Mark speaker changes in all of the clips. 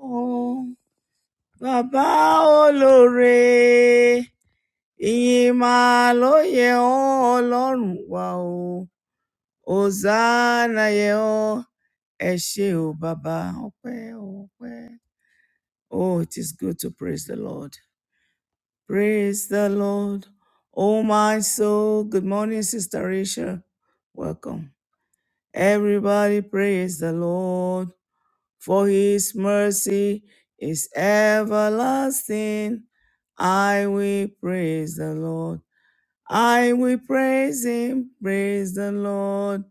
Speaker 1: Ọ̀run, Bàbá olóore, ìyìn máa ló yẹ ọ́ ọlọ́run wa o. Hosanna yẹ ọ́, ẹ ṣé o bàbá, ọpẹ́ o, ọpẹ́. Oh, it is good to praise the Lord. Praise the Lord. Oh my soul, good morning, Sister Rachel. Welcome. Everybody praise the Lord. for his mercy is everlasting. I will praise the Lord. I will praise him. Praise the Lord.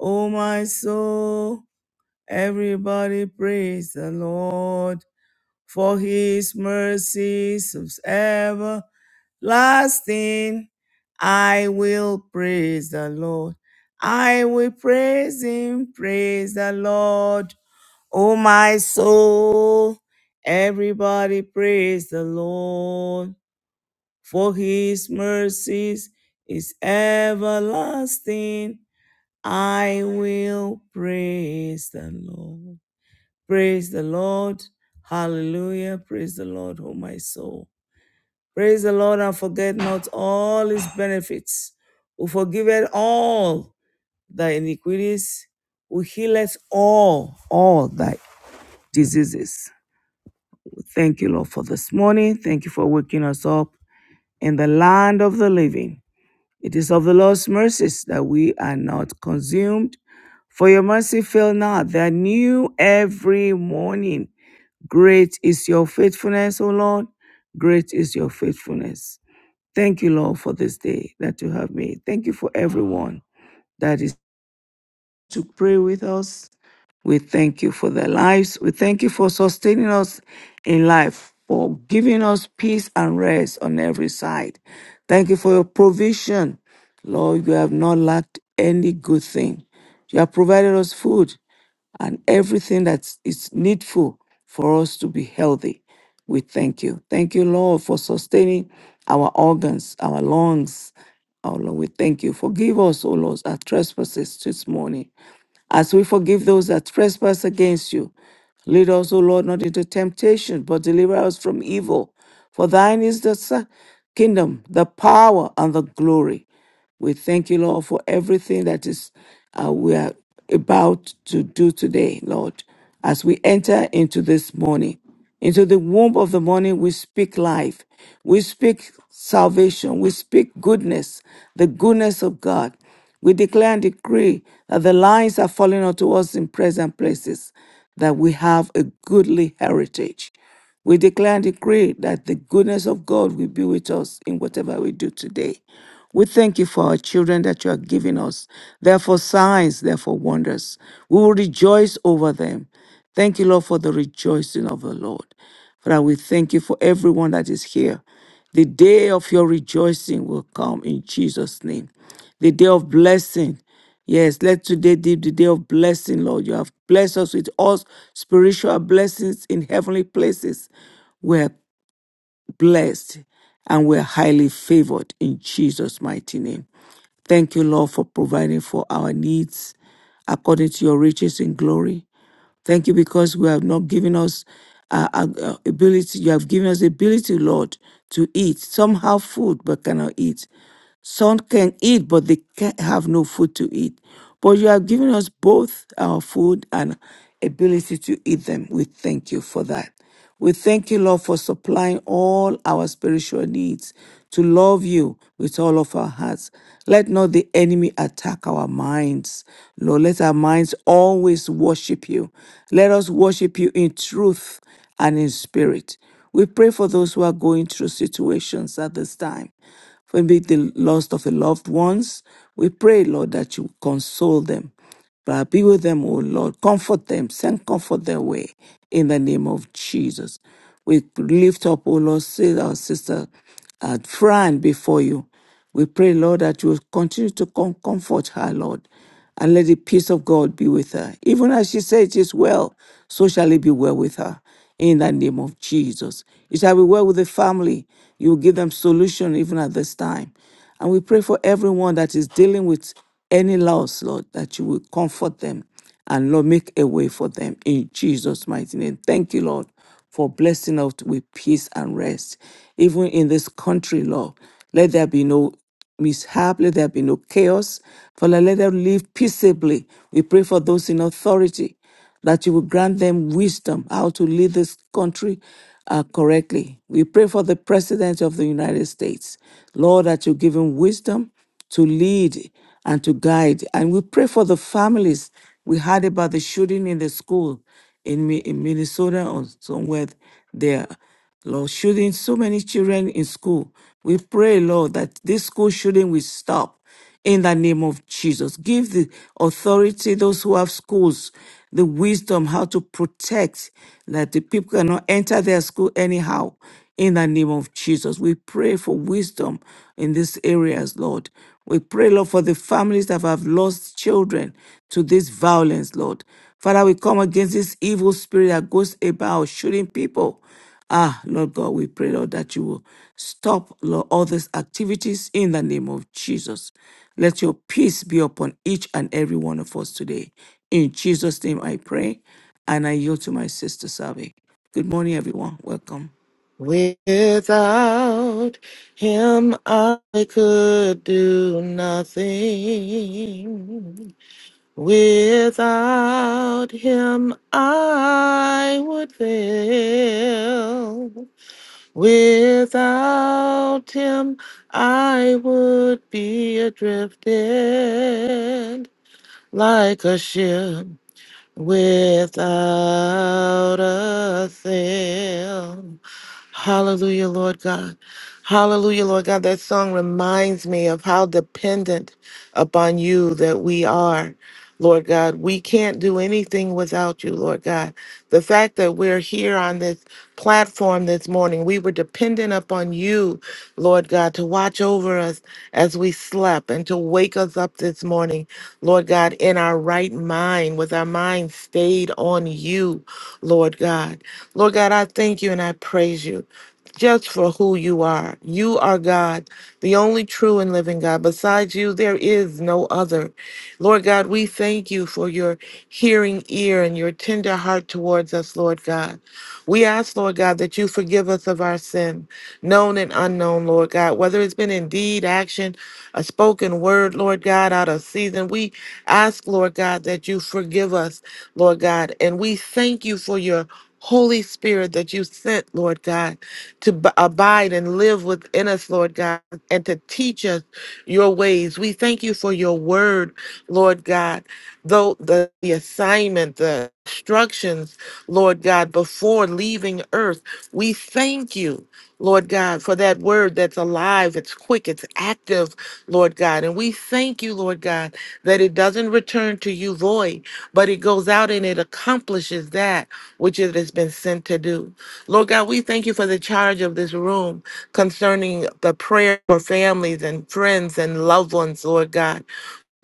Speaker 1: Oh, my soul. Everybody praise the Lord. For his mercies is everlasting. I will praise the Lord. I will praise him. Praise the Lord. Oh, my soul, everybody praise the Lord, for his mercies is everlasting. I will praise the Lord. Praise the Lord. Hallelujah. Praise the Lord, oh my soul. Praise the Lord and forget not all his benefits, who forgiveth all thy iniquities, who healeth all, all thy diseases. Thank you, Lord, for this morning. Thank you for waking us up in the land of the living. It is of the Lord's mercies that we are not consumed. For your mercy fail not. They are new every morning. Great is your faithfulness, O Lord. Great is your faithfulness. Thank you, Lord, for this day that you have made. Thank you for everyone that is to pray with us. We thank you for their lives. We thank you for sustaining us in life, for giving us peace and rest on every side. Thank you for your provision. Lord, you have not lacked any good thing. You have provided us food and everything that is needful for us to be healthy. We thank you. Thank you, Lord, for sustaining our organs, our lungs. Oh Lord, we thank you. Forgive us, O Lord, our trespasses this morning as we forgive those that trespass against you, lead us, O Lord, not into temptation, but deliver us from evil. For thine is the sa- kingdom, the power, and the glory. We thank you, Lord, for everything that is uh, we are about to do today, Lord. As we enter into this morning, into the womb of the morning, we speak life, we speak salvation, we speak goodness, the goodness of God. We declare and decree that the lines are falling unto us in present places, that we have a goodly heritage. We declare and decree that the goodness of God will be with us in whatever we do today. We thank you for our children that you are giving us. Therefore, signs, therefore, wonders. We will rejoice over them. Thank you, Lord, for the rejoicing of the Lord. Father, we thank you for everyone that is here. The day of your rejoicing will come in Jesus' name. The day of blessing. Yes, let today be the day of blessing, Lord. You have blessed us with all spiritual blessings in heavenly places. We're blessed and we're highly favored in Jesus' mighty name. Thank you, Lord, for providing for our needs according to your riches in glory. Thank you because we have not given us uh, uh, uh, ability. You have given us the ability, Lord, to eat. Some have food but cannot eat. Some can eat, but they can have no food to eat. But you have given us both our food and ability to eat them. We thank you for that. We thank you, Lord, for supplying all our spiritual needs to love you with all of our hearts. Let not the enemy attack our minds. Lord, let our minds always worship you. Let us worship you in truth and in spirit. We pray for those who are going through situations at this time for maybe the loss of the loved ones. We pray, Lord, that you console them. But be with them, O Lord. Comfort them. Send comfort their way in the name of Jesus. We lift up, O Lord, say our sister uh, Fran before you. We pray, Lord, that you will continue to com- comfort her, Lord, and let the peace of God be with her. Even as she says it is well, so shall it be well with her in the name of Jesus. It shall be well with the family. You will give them solution even at this time. And we pray for everyone that is dealing with any loss, Lord, that you will comfort them and Lord, make a way for them in Jesus' mighty name. Thank you, Lord, for blessing us with peace and rest. Even in this country, Lord, let there be no mishap, let there be no chaos. Father, let them live peaceably. We pray for those in authority that you will grant them wisdom how to lead this country uh, correctly. We pray for the President of the United States, Lord, that you give him wisdom to lead and to guide. And we pray for the families. We heard about the shooting in the school in, Mi- in Minnesota or somewhere there. Lord, shooting so many children in school. We pray, Lord, that this school shooting will stop in the name of Jesus. Give the authority, those who have schools, the wisdom how to protect that the people cannot enter their school anyhow. In the name of Jesus, we pray for wisdom in these areas, Lord. We pray, Lord, for the families that have lost children to this violence, Lord. Father, we come against this evil spirit that goes about shooting people Ah, Lord God, we pray, Lord, that you will stop, Lord, all these activities in the name of Jesus. Let your peace be upon each and every one of us today. In Jesus' name I pray, and I yield to my sister Savi. Good morning, everyone. Welcome.
Speaker 2: Without him, I could do nothing. Without him, I would fail. Without him, I would be adrifted like a ship without a fail. Hallelujah, Lord God. Hallelujah, Lord God. That song reminds me of how dependent upon you that we are. Lord God, we can't do anything without you, Lord God. The fact that we're here on this platform this morning, we were dependent upon you, Lord God, to watch over us as we slept and to wake us up this morning Lord God, in our right mind, with our mind stayed on you, Lord God. Lord God, I thank you and I praise you. Just for who you are. You are God, the only true and living God. Besides you, there is no other. Lord God, we thank you for your hearing ear and your tender heart towards us, Lord God. We ask, Lord God, that you forgive us of our sin, known and unknown, Lord God, whether it's been in deed, action, a spoken word, Lord God, out of season. We Ask, Lord God, that you forgive us, Lord God. And we thank you for your Holy Spirit that you sent, Lord God, to b- abide and live within us, Lord God, and to teach us your ways. We thank you for your word, Lord God, though the, the assignment, the instructions, Lord God, before leaving earth. We thank you, Lord God, for that word that's alive, it's quick, it's active, Lord God. And we thank you, Lord God that it doesn't return to you void, but it goes out and it accomplishes that which it has been sent to do. Lord God, we thank you for the charge of this room concerning the prayer for families and friends and loved ones, Lord God.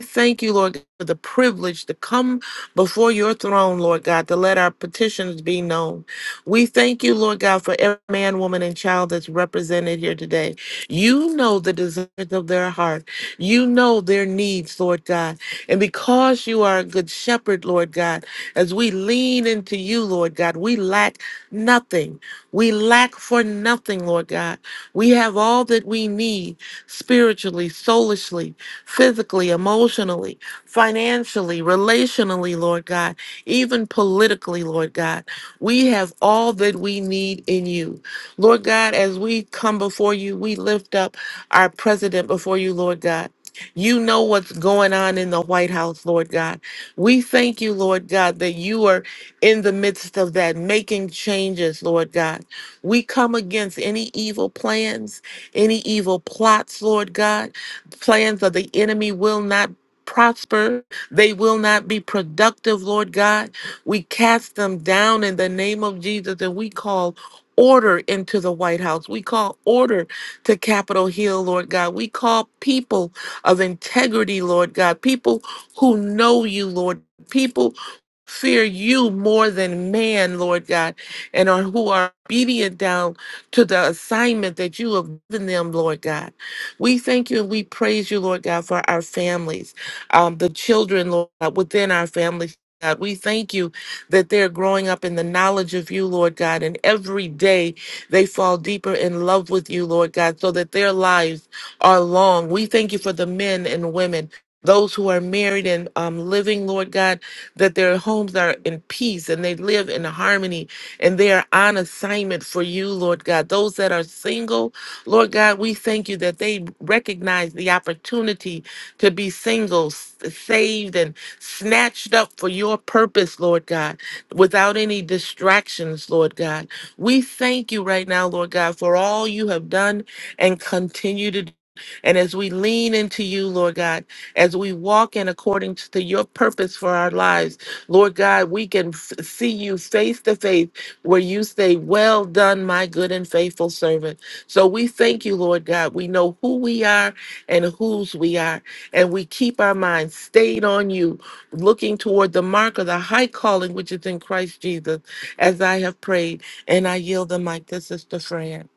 Speaker 2: Thank you, Lord, for the privilege to come before your throne, Lord God, to let our petitions be known. We thank you, Lord God, for every man, woman, and child that's represented here today. You know the desires of their heart. You know their needs, Lord God. And because you are a good shepherd, Lord God, as we lean into you, Lord God, we lack nothing. We lack for nothing, Lord God. We have all that we need spiritually, soulishly, physically, emotionally, financially, relationally, Lord God, even politically, Lord God. We have all that we need in you. Lord God, as we come before you, we lift up our president before you, Lord God. You know what's going on in the White House, Lord God. We thank you, Lord God, that you are in the midst of that, making changes, Lord God. We come against any evil plans, any evil plots, Lord God. Plans of the enemy will not prosper. They will not be productive, Lord God. We cast them down in the name of Jesus and we call order into the White House. We call order to Capitol Hill, Lord God. We call people of integrity, Lord God, people who know you, Lord, people fear you more than man, Lord God, and are who are obedient down to the assignment that you have given them, Lord God. We thank you and we praise you, Lord God, for our families, um, the children, Lord, God, within our families. God, we thank you that they're growing up in the knowledge of you, Lord God, and every day they fall deeper in love with you, Lord God, so that their lives are long. We thank you for the men and women, those who are married and um, living, Lord God, that their homes are in peace and they live in harmony and they are on assignment for you, Lord God. Those that are single, Lord God, we thank you that they recognize the opportunity to be single, s- saved, and snatched up for your purpose, Lord God, without any distractions, Lord God. We thank you right now, Lord God, for all you have done and continue to do. And as we lean into you, Lord God, as we walk in according to your purpose for our lives, Lord God, we can f- see you face to face where you say, Well done, my good and faithful servant. So we thank you, Lord God. We know who we are and whose we are, and we keep our minds stayed on you, looking toward the mark of the high calling which is in Christ Jesus, as I have prayed. And I yield the mic to Sister Fran.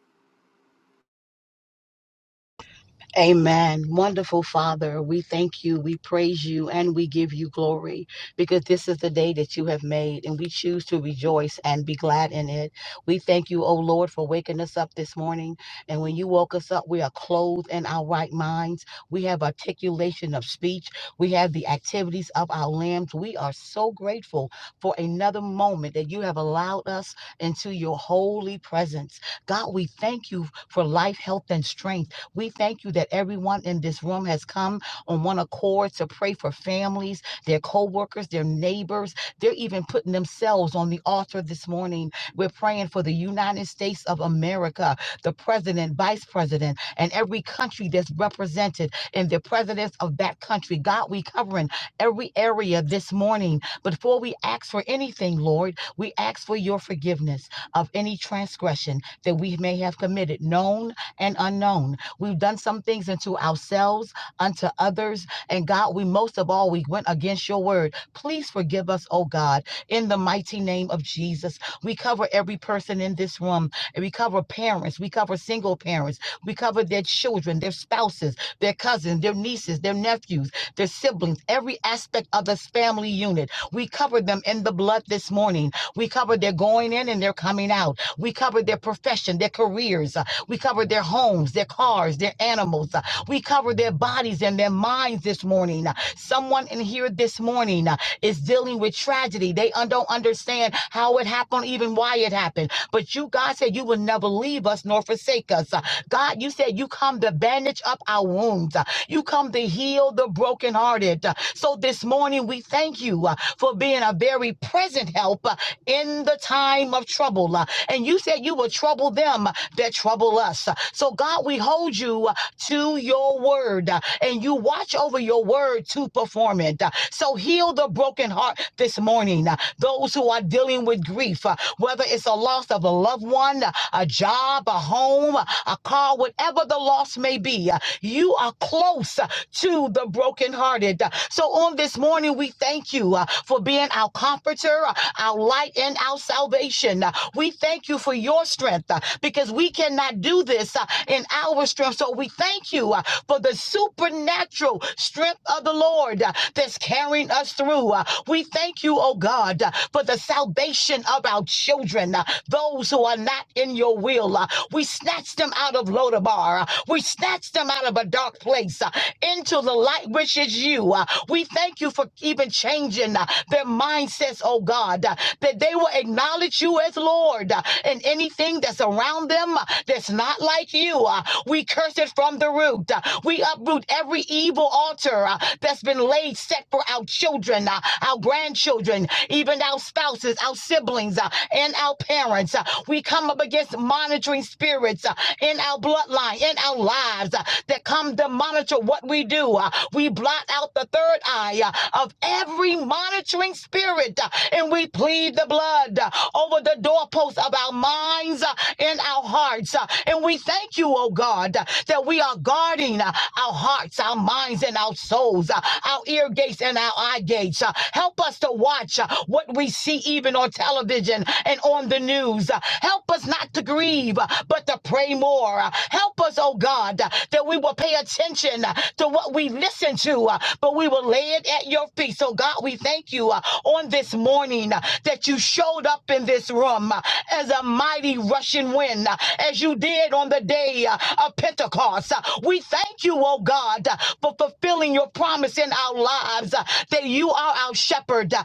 Speaker 3: Amen. Wonderful Father, we thank you, we praise you, and we give you glory because this is the day that you have made, and we choose to rejoice and be glad in it. We thank you, O Lord, for waking us up this morning. And when you woke us up, we are clothed in our right minds. We have articulation of speech, we have the activities of our limbs. We are so grateful for another moment that you have allowed us into your holy presence. God, we thank you for life, health, and strength. We thank you that everyone in this room has come on one accord to pray for families, their co-workers, their neighbors. They're even putting themselves on the altar this morning. We're praying for the United States of America, the president, vice president, and every country that's represented and the presidents of that country. God, we covering every area this morning. Before we ask for anything, Lord, we ask for your forgiveness of any transgression that we may have committed, known and unknown. We've done some things unto ourselves, unto others. And God, we most of all, we went against your word. Please forgive us, oh God, in the mighty name of Jesus. We cover every person in this room, and we cover parents, we cover single parents, we cover their children, their spouses, their cousins, their nieces, their nephews, their siblings, every aspect of this family unit. We cover them in the blood this morning. We cover their going in and their coming out. We cover their profession, their careers. We cover their homes, their cars, their animals. Uh, We cover their bodies and their minds this morning. Uh, Someone in here this morning. uh, is dealing with tragedy. They un- don't understand how it happened, even why it happened. But you, God said, you will never leave us nor forsake us. Uh, God, you said you come to bandage up our wounds. Uh, You come to heal the brokenhearted. Uh, So this morning, we thank you uh, for being a very present help uh, in the time of trouble. Uh, And you said you will trouble them that trouble us. Uh, So, God, we hold you uh, to your word uh, and you watch over your word to perform it. Uh, So heal the broken heart this morning. Uh, Those who are dealing with grief, uh, whether it's a loss of a loved one, uh, a job, a home, uh, a car, whatever the loss may be, uh, you are close uh, to the brokenhearted. Uh, So on this morning, we thank you uh, for being our comforter, uh, our light, and our salvation. Uh, We thank you for your strength uh, because we cannot do this uh, in and our strength. So we thank you uh, for the supernatural strength of the Lord uh, that's carrying us through. Uh, We thank you, oh God, uh, for the salvation of our children, uh, those who are not in your will. Uh, We snatch them out of Lodabar. Uh, We snatch them out of a dark place uh, into the light, which is you. Uh, We thank you for even changing uh, their mindsets, oh God, uh, that they will acknowledge you as Lord uh, in anything that's around them uh, that's that's not like you. Uh, we curse it from the root. Uh, we uproot every evil altar uh, that's been laid set for our children, uh, our grandchildren, even our spouses, our siblings, uh, and our parents. Uh, we come up against monitoring spirits uh, in our bloodline, in our lives uh, that come to monitor what we do. Uh, we blot out the third eye uh, of every monitoring spirit uh, and we plead the blood uh, over the doorposts of our minds uh, and in our hearts. Uh, And we thank you, oh God, uh, that we are guarding uh, our hearts, our minds, and our souls, uh, our ear gates and our eye gates. Uh, Help us to watch uh, what we see even on television and on the news. Uh, Help us not to grieve, uh, but to pray more. Uh, Help us, oh God, uh, that we will pay attention uh, to what we listen to, uh, but we will lay it at your feet. So, God, we thank you uh, on this morning uh, that you showed up in this room uh, as a mighty rushing wind uh, as you did on the day uh, of Pentecost. Uh, We thank you, oh God, uh, for fulfilling your promise in our lives uh, that you are our shepherd uh,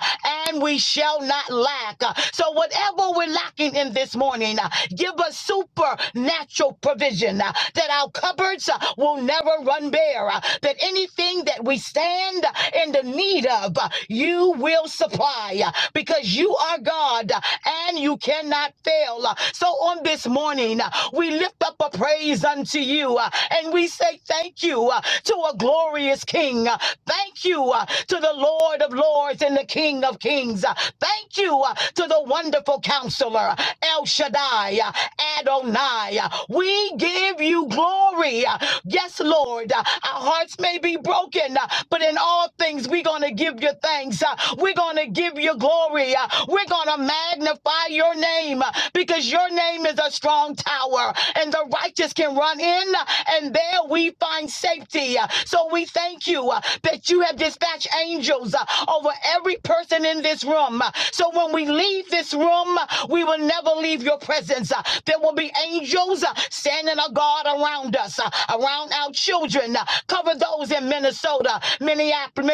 Speaker 3: and we shall not lack. Uh, So, whatever we're lacking in this morning, uh, give us supernatural provision uh, that our cupboards uh, will never run bare, uh, that anything that we stand uh, in the need of, uh, you will supply uh, because you are God uh, and you you cannot fail. Uh, So on this morning, uh, we lift up a praise unto you uh, and we say thank you uh, to a glorious King. Uh, Thank you uh, to the Lord of Lords and the King of Kings. Uh, Thank you uh, to the wonderful counselor, El Shaddai, uh, Adonai. Uh, We give you glory. Uh, Yes, Lord, uh, our hearts may be broken, uh, but in all things, we're going to give you thanks. Uh, We're going to give you glory. Uh, We're going to going to magnify your name uh, because your name is a strong tower and the righteous can run in uh, and there we find safety. Uh, So we thank you uh, that you have dispatched angels uh, over every person in this room. Uh, So when we leave this room, uh, we will never leave your presence. Uh, There will be angels uh, standing a guard around us, uh, around our children. Uh, Cover those in Minnesota, Minneapolis,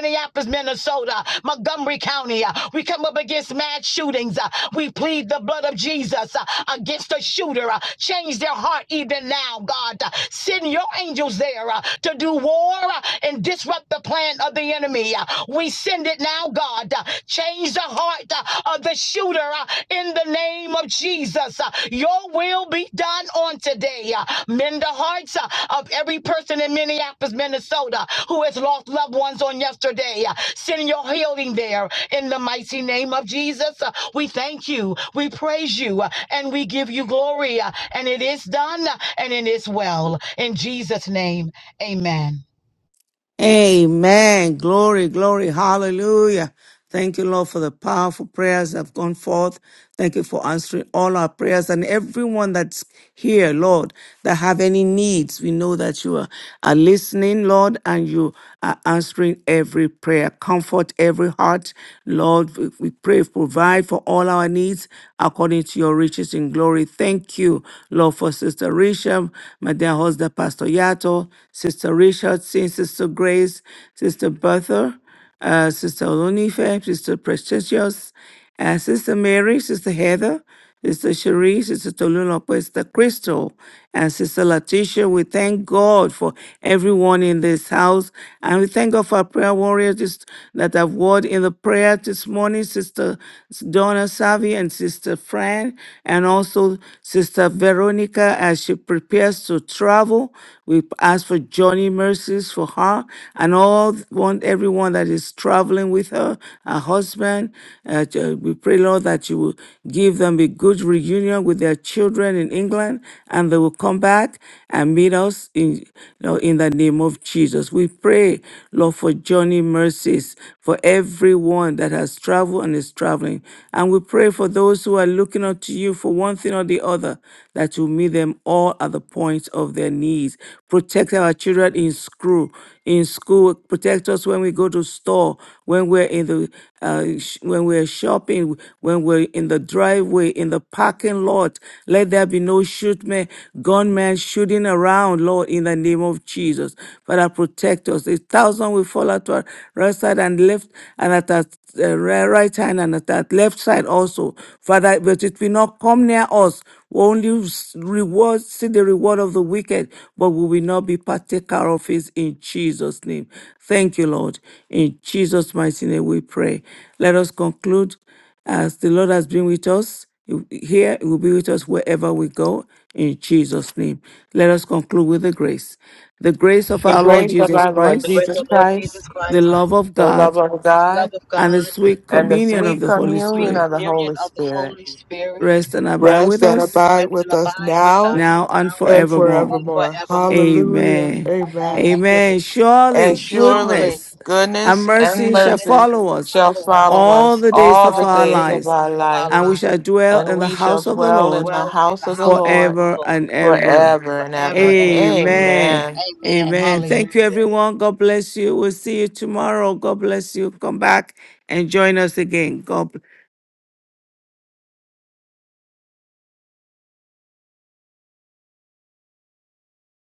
Speaker 3: Minnesota, Montgomery County. Uh, We come up up against mass shootings. Uh, we plead the blood of Jesus uh, against the shooter. Uh, change their heart even now, God. Uh, send your angels there uh, to do war uh, and disrupt the plan of the enemy. Uh, we send it now, God. Uh, change the heart uh, of the shooter uh, in the name of Jesus. Uh, your will be done on today. Uh, mend the hearts uh, of every person in Minneapolis, Minnesota who has lost loved ones on yesterday. Uh, send your healing there. In the mighty name of Jesus, uh, we thank you, we praise you, uh, and we give you glory. uh, And it is done, uh, and it is well. In Jesus' name, amen.
Speaker 1: Amen. Glory, glory. Hallelujah. Thank you, Lord, for the powerful prayers that have gone forth. Thank you for answering all our prayers and everyone that's here, Lord, that have any needs. We know that you are, are listening, Lord, and you are answering every prayer. Comfort every heart, Lord. We, we pray, provide for all our needs according to your riches in glory. Thank you, Lord, for Sister Risha, my dear husband. Brother Pastor Yato, Sister Richardson, Sister Grace, Sister Bertha, uh, Sister Olunife, Sister Precious, uh, Sister Mary, Sister Heather, Sister Cherie, Sister Tolulope, Sister Crystal, and Sister Letitia. We thank God for everyone in this house. And we thank God for our prayer warriors this- that have word in the prayer this morning, Sister Donna Savi and Sister Fran, and also Sister Veronica as she prepares to travel. We ask for journey mercies for her and all one everyone that is traveling with her, her husband. Uh, ju- we pray, Lord, that you will give them a good reunion with their children in England, and they will come back and meet us in you know, in the name of Jesus. We pray, Lord, for journey mercies for everyone that has traveled and is traveling, and we pray pray for those who are looking up to you for one thing or the other, that you meet them all at the point of their needs. Protect our children in school, in school. Protect us when we go to store, when we're in the, uh, sh- when we're shopping, when we're in the driveway, in the parking lot. Let there be no shootmen, gunmen shooting around, Lord, in the name of Jesus. Father, protect us. A thousand will fall at our right side and left, and at us uh, ri- right hand and at that left side also. Father, but it will not come near us. We only s- reward, see the reward of the wicked, but we will not be partaker of it in Jesus' name. Thank you, Lord. In Jesus' mighty name we pray. Let us conclude as the Lord has been with us. Here he will be with us wherever we go in Jesus' name. Let us conclude with the grace. The grace of
Speaker 2: The
Speaker 1: our Lord
Speaker 2: grace of
Speaker 1: Jesus
Speaker 2: our Lord
Speaker 3: The
Speaker 1: Christ,
Speaker 3: grace
Speaker 2: Jesus
Speaker 3: of our Lord
Speaker 2: Christ,
Speaker 3: Jesus
Speaker 1: the
Speaker 3: Christ,
Speaker 1: love of
Speaker 2: the love
Speaker 1: God,
Speaker 2: of
Speaker 3: the love
Speaker 2: God,
Speaker 3: of
Speaker 1: and the
Speaker 3: God,
Speaker 1: sweet
Speaker 2: and the
Speaker 1: communion of
Speaker 2: sweet
Speaker 1: the Holy
Speaker 3: sweet
Speaker 2: communion
Speaker 1: Spirit
Speaker 2: of the
Speaker 3: communion
Speaker 2: Holy
Speaker 3: of the
Speaker 2: Spirit
Speaker 3: Holy Spirit,
Speaker 1: rest and abide
Speaker 2: rest
Speaker 1: with
Speaker 2: and
Speaker 1: us
Speaker 2: abide
Speaker 3: rest and
Speaker 2: with us
Speaker 3: abide with
Speaker 2: now
Speaker 3: us
Speaker 1: now and
Speaker 3: now
Speaker 2: and
Speaker 1: forevermore.
Speaker 3: and
Speaker 2: forevermore.
Speaker 3: forevermore.
Speaker 2: Hallelujah.
Speaker 1: Amen.
Speaker 3: And
Speaker 2: Amen.
Speaker 3: thank you,
Speaker 1: Amen.
Speaker 3: Lord.
Speaker 2: And
Speaker 1: Surely
Speaker 3: Surely,
Speaker 2: surely
Speaker 1: goodness and
Speaker 2: goodness and
Speaker 1: mercy shall
Speaker 2: mercy
Speaker 3: goodness and
Speaker 1: follow us
Speaker 2: shall
Speaker 3: follow us
Speaker 2: follow
Speaker 1: all
Speaker 2: us
Speaker 1: the days
Speaker 2: all
Speaker 1: of
Speaker 2: the
Speaker 3: all the
Speaker 1: our
Speaker 2: days
Speaker 3: days
Speaker 2: of
Speaker 1: lives,
Speaker 2: our
Speaker 3: of our
Speaker 2: life,
Speaker 1: and we shall
Speaker 3: lives.
Speaker 1: dwell
Speaker 2: and
Speaker 1: in the
Speaker 2: we shall
Speaker 1: house of
Speaker 3: We
Speaker 1: the
Speaker 2: dwell
Speaker 3: should
Speaker 2: in
Speaker 1: Lord
Speaker 2: the
Speaker 3: dwell in
Speaker 2: house
Speaker 3: the
Speaker 2: of the
Speaker 3: house of
Speaker 2: Lord
Speaker 3: the
Speaker 1: forever
Speaker 3: Lord
Speaker 1: and ever.
Speaker 2: forever and
Speaker 3: forever
Speaker 2: ever.
Speaker 3: and ever.
Speaker 1: Amen.
Speaker 2: Amen.
Speaker 3: Amen.
Speaker 1: Amen. Thank you,
Speaker 3: Hallelujah.
Speaker 1: everyone. God bless you. We'll see you tomorrow. God bless you. Come back and join us again. God bless.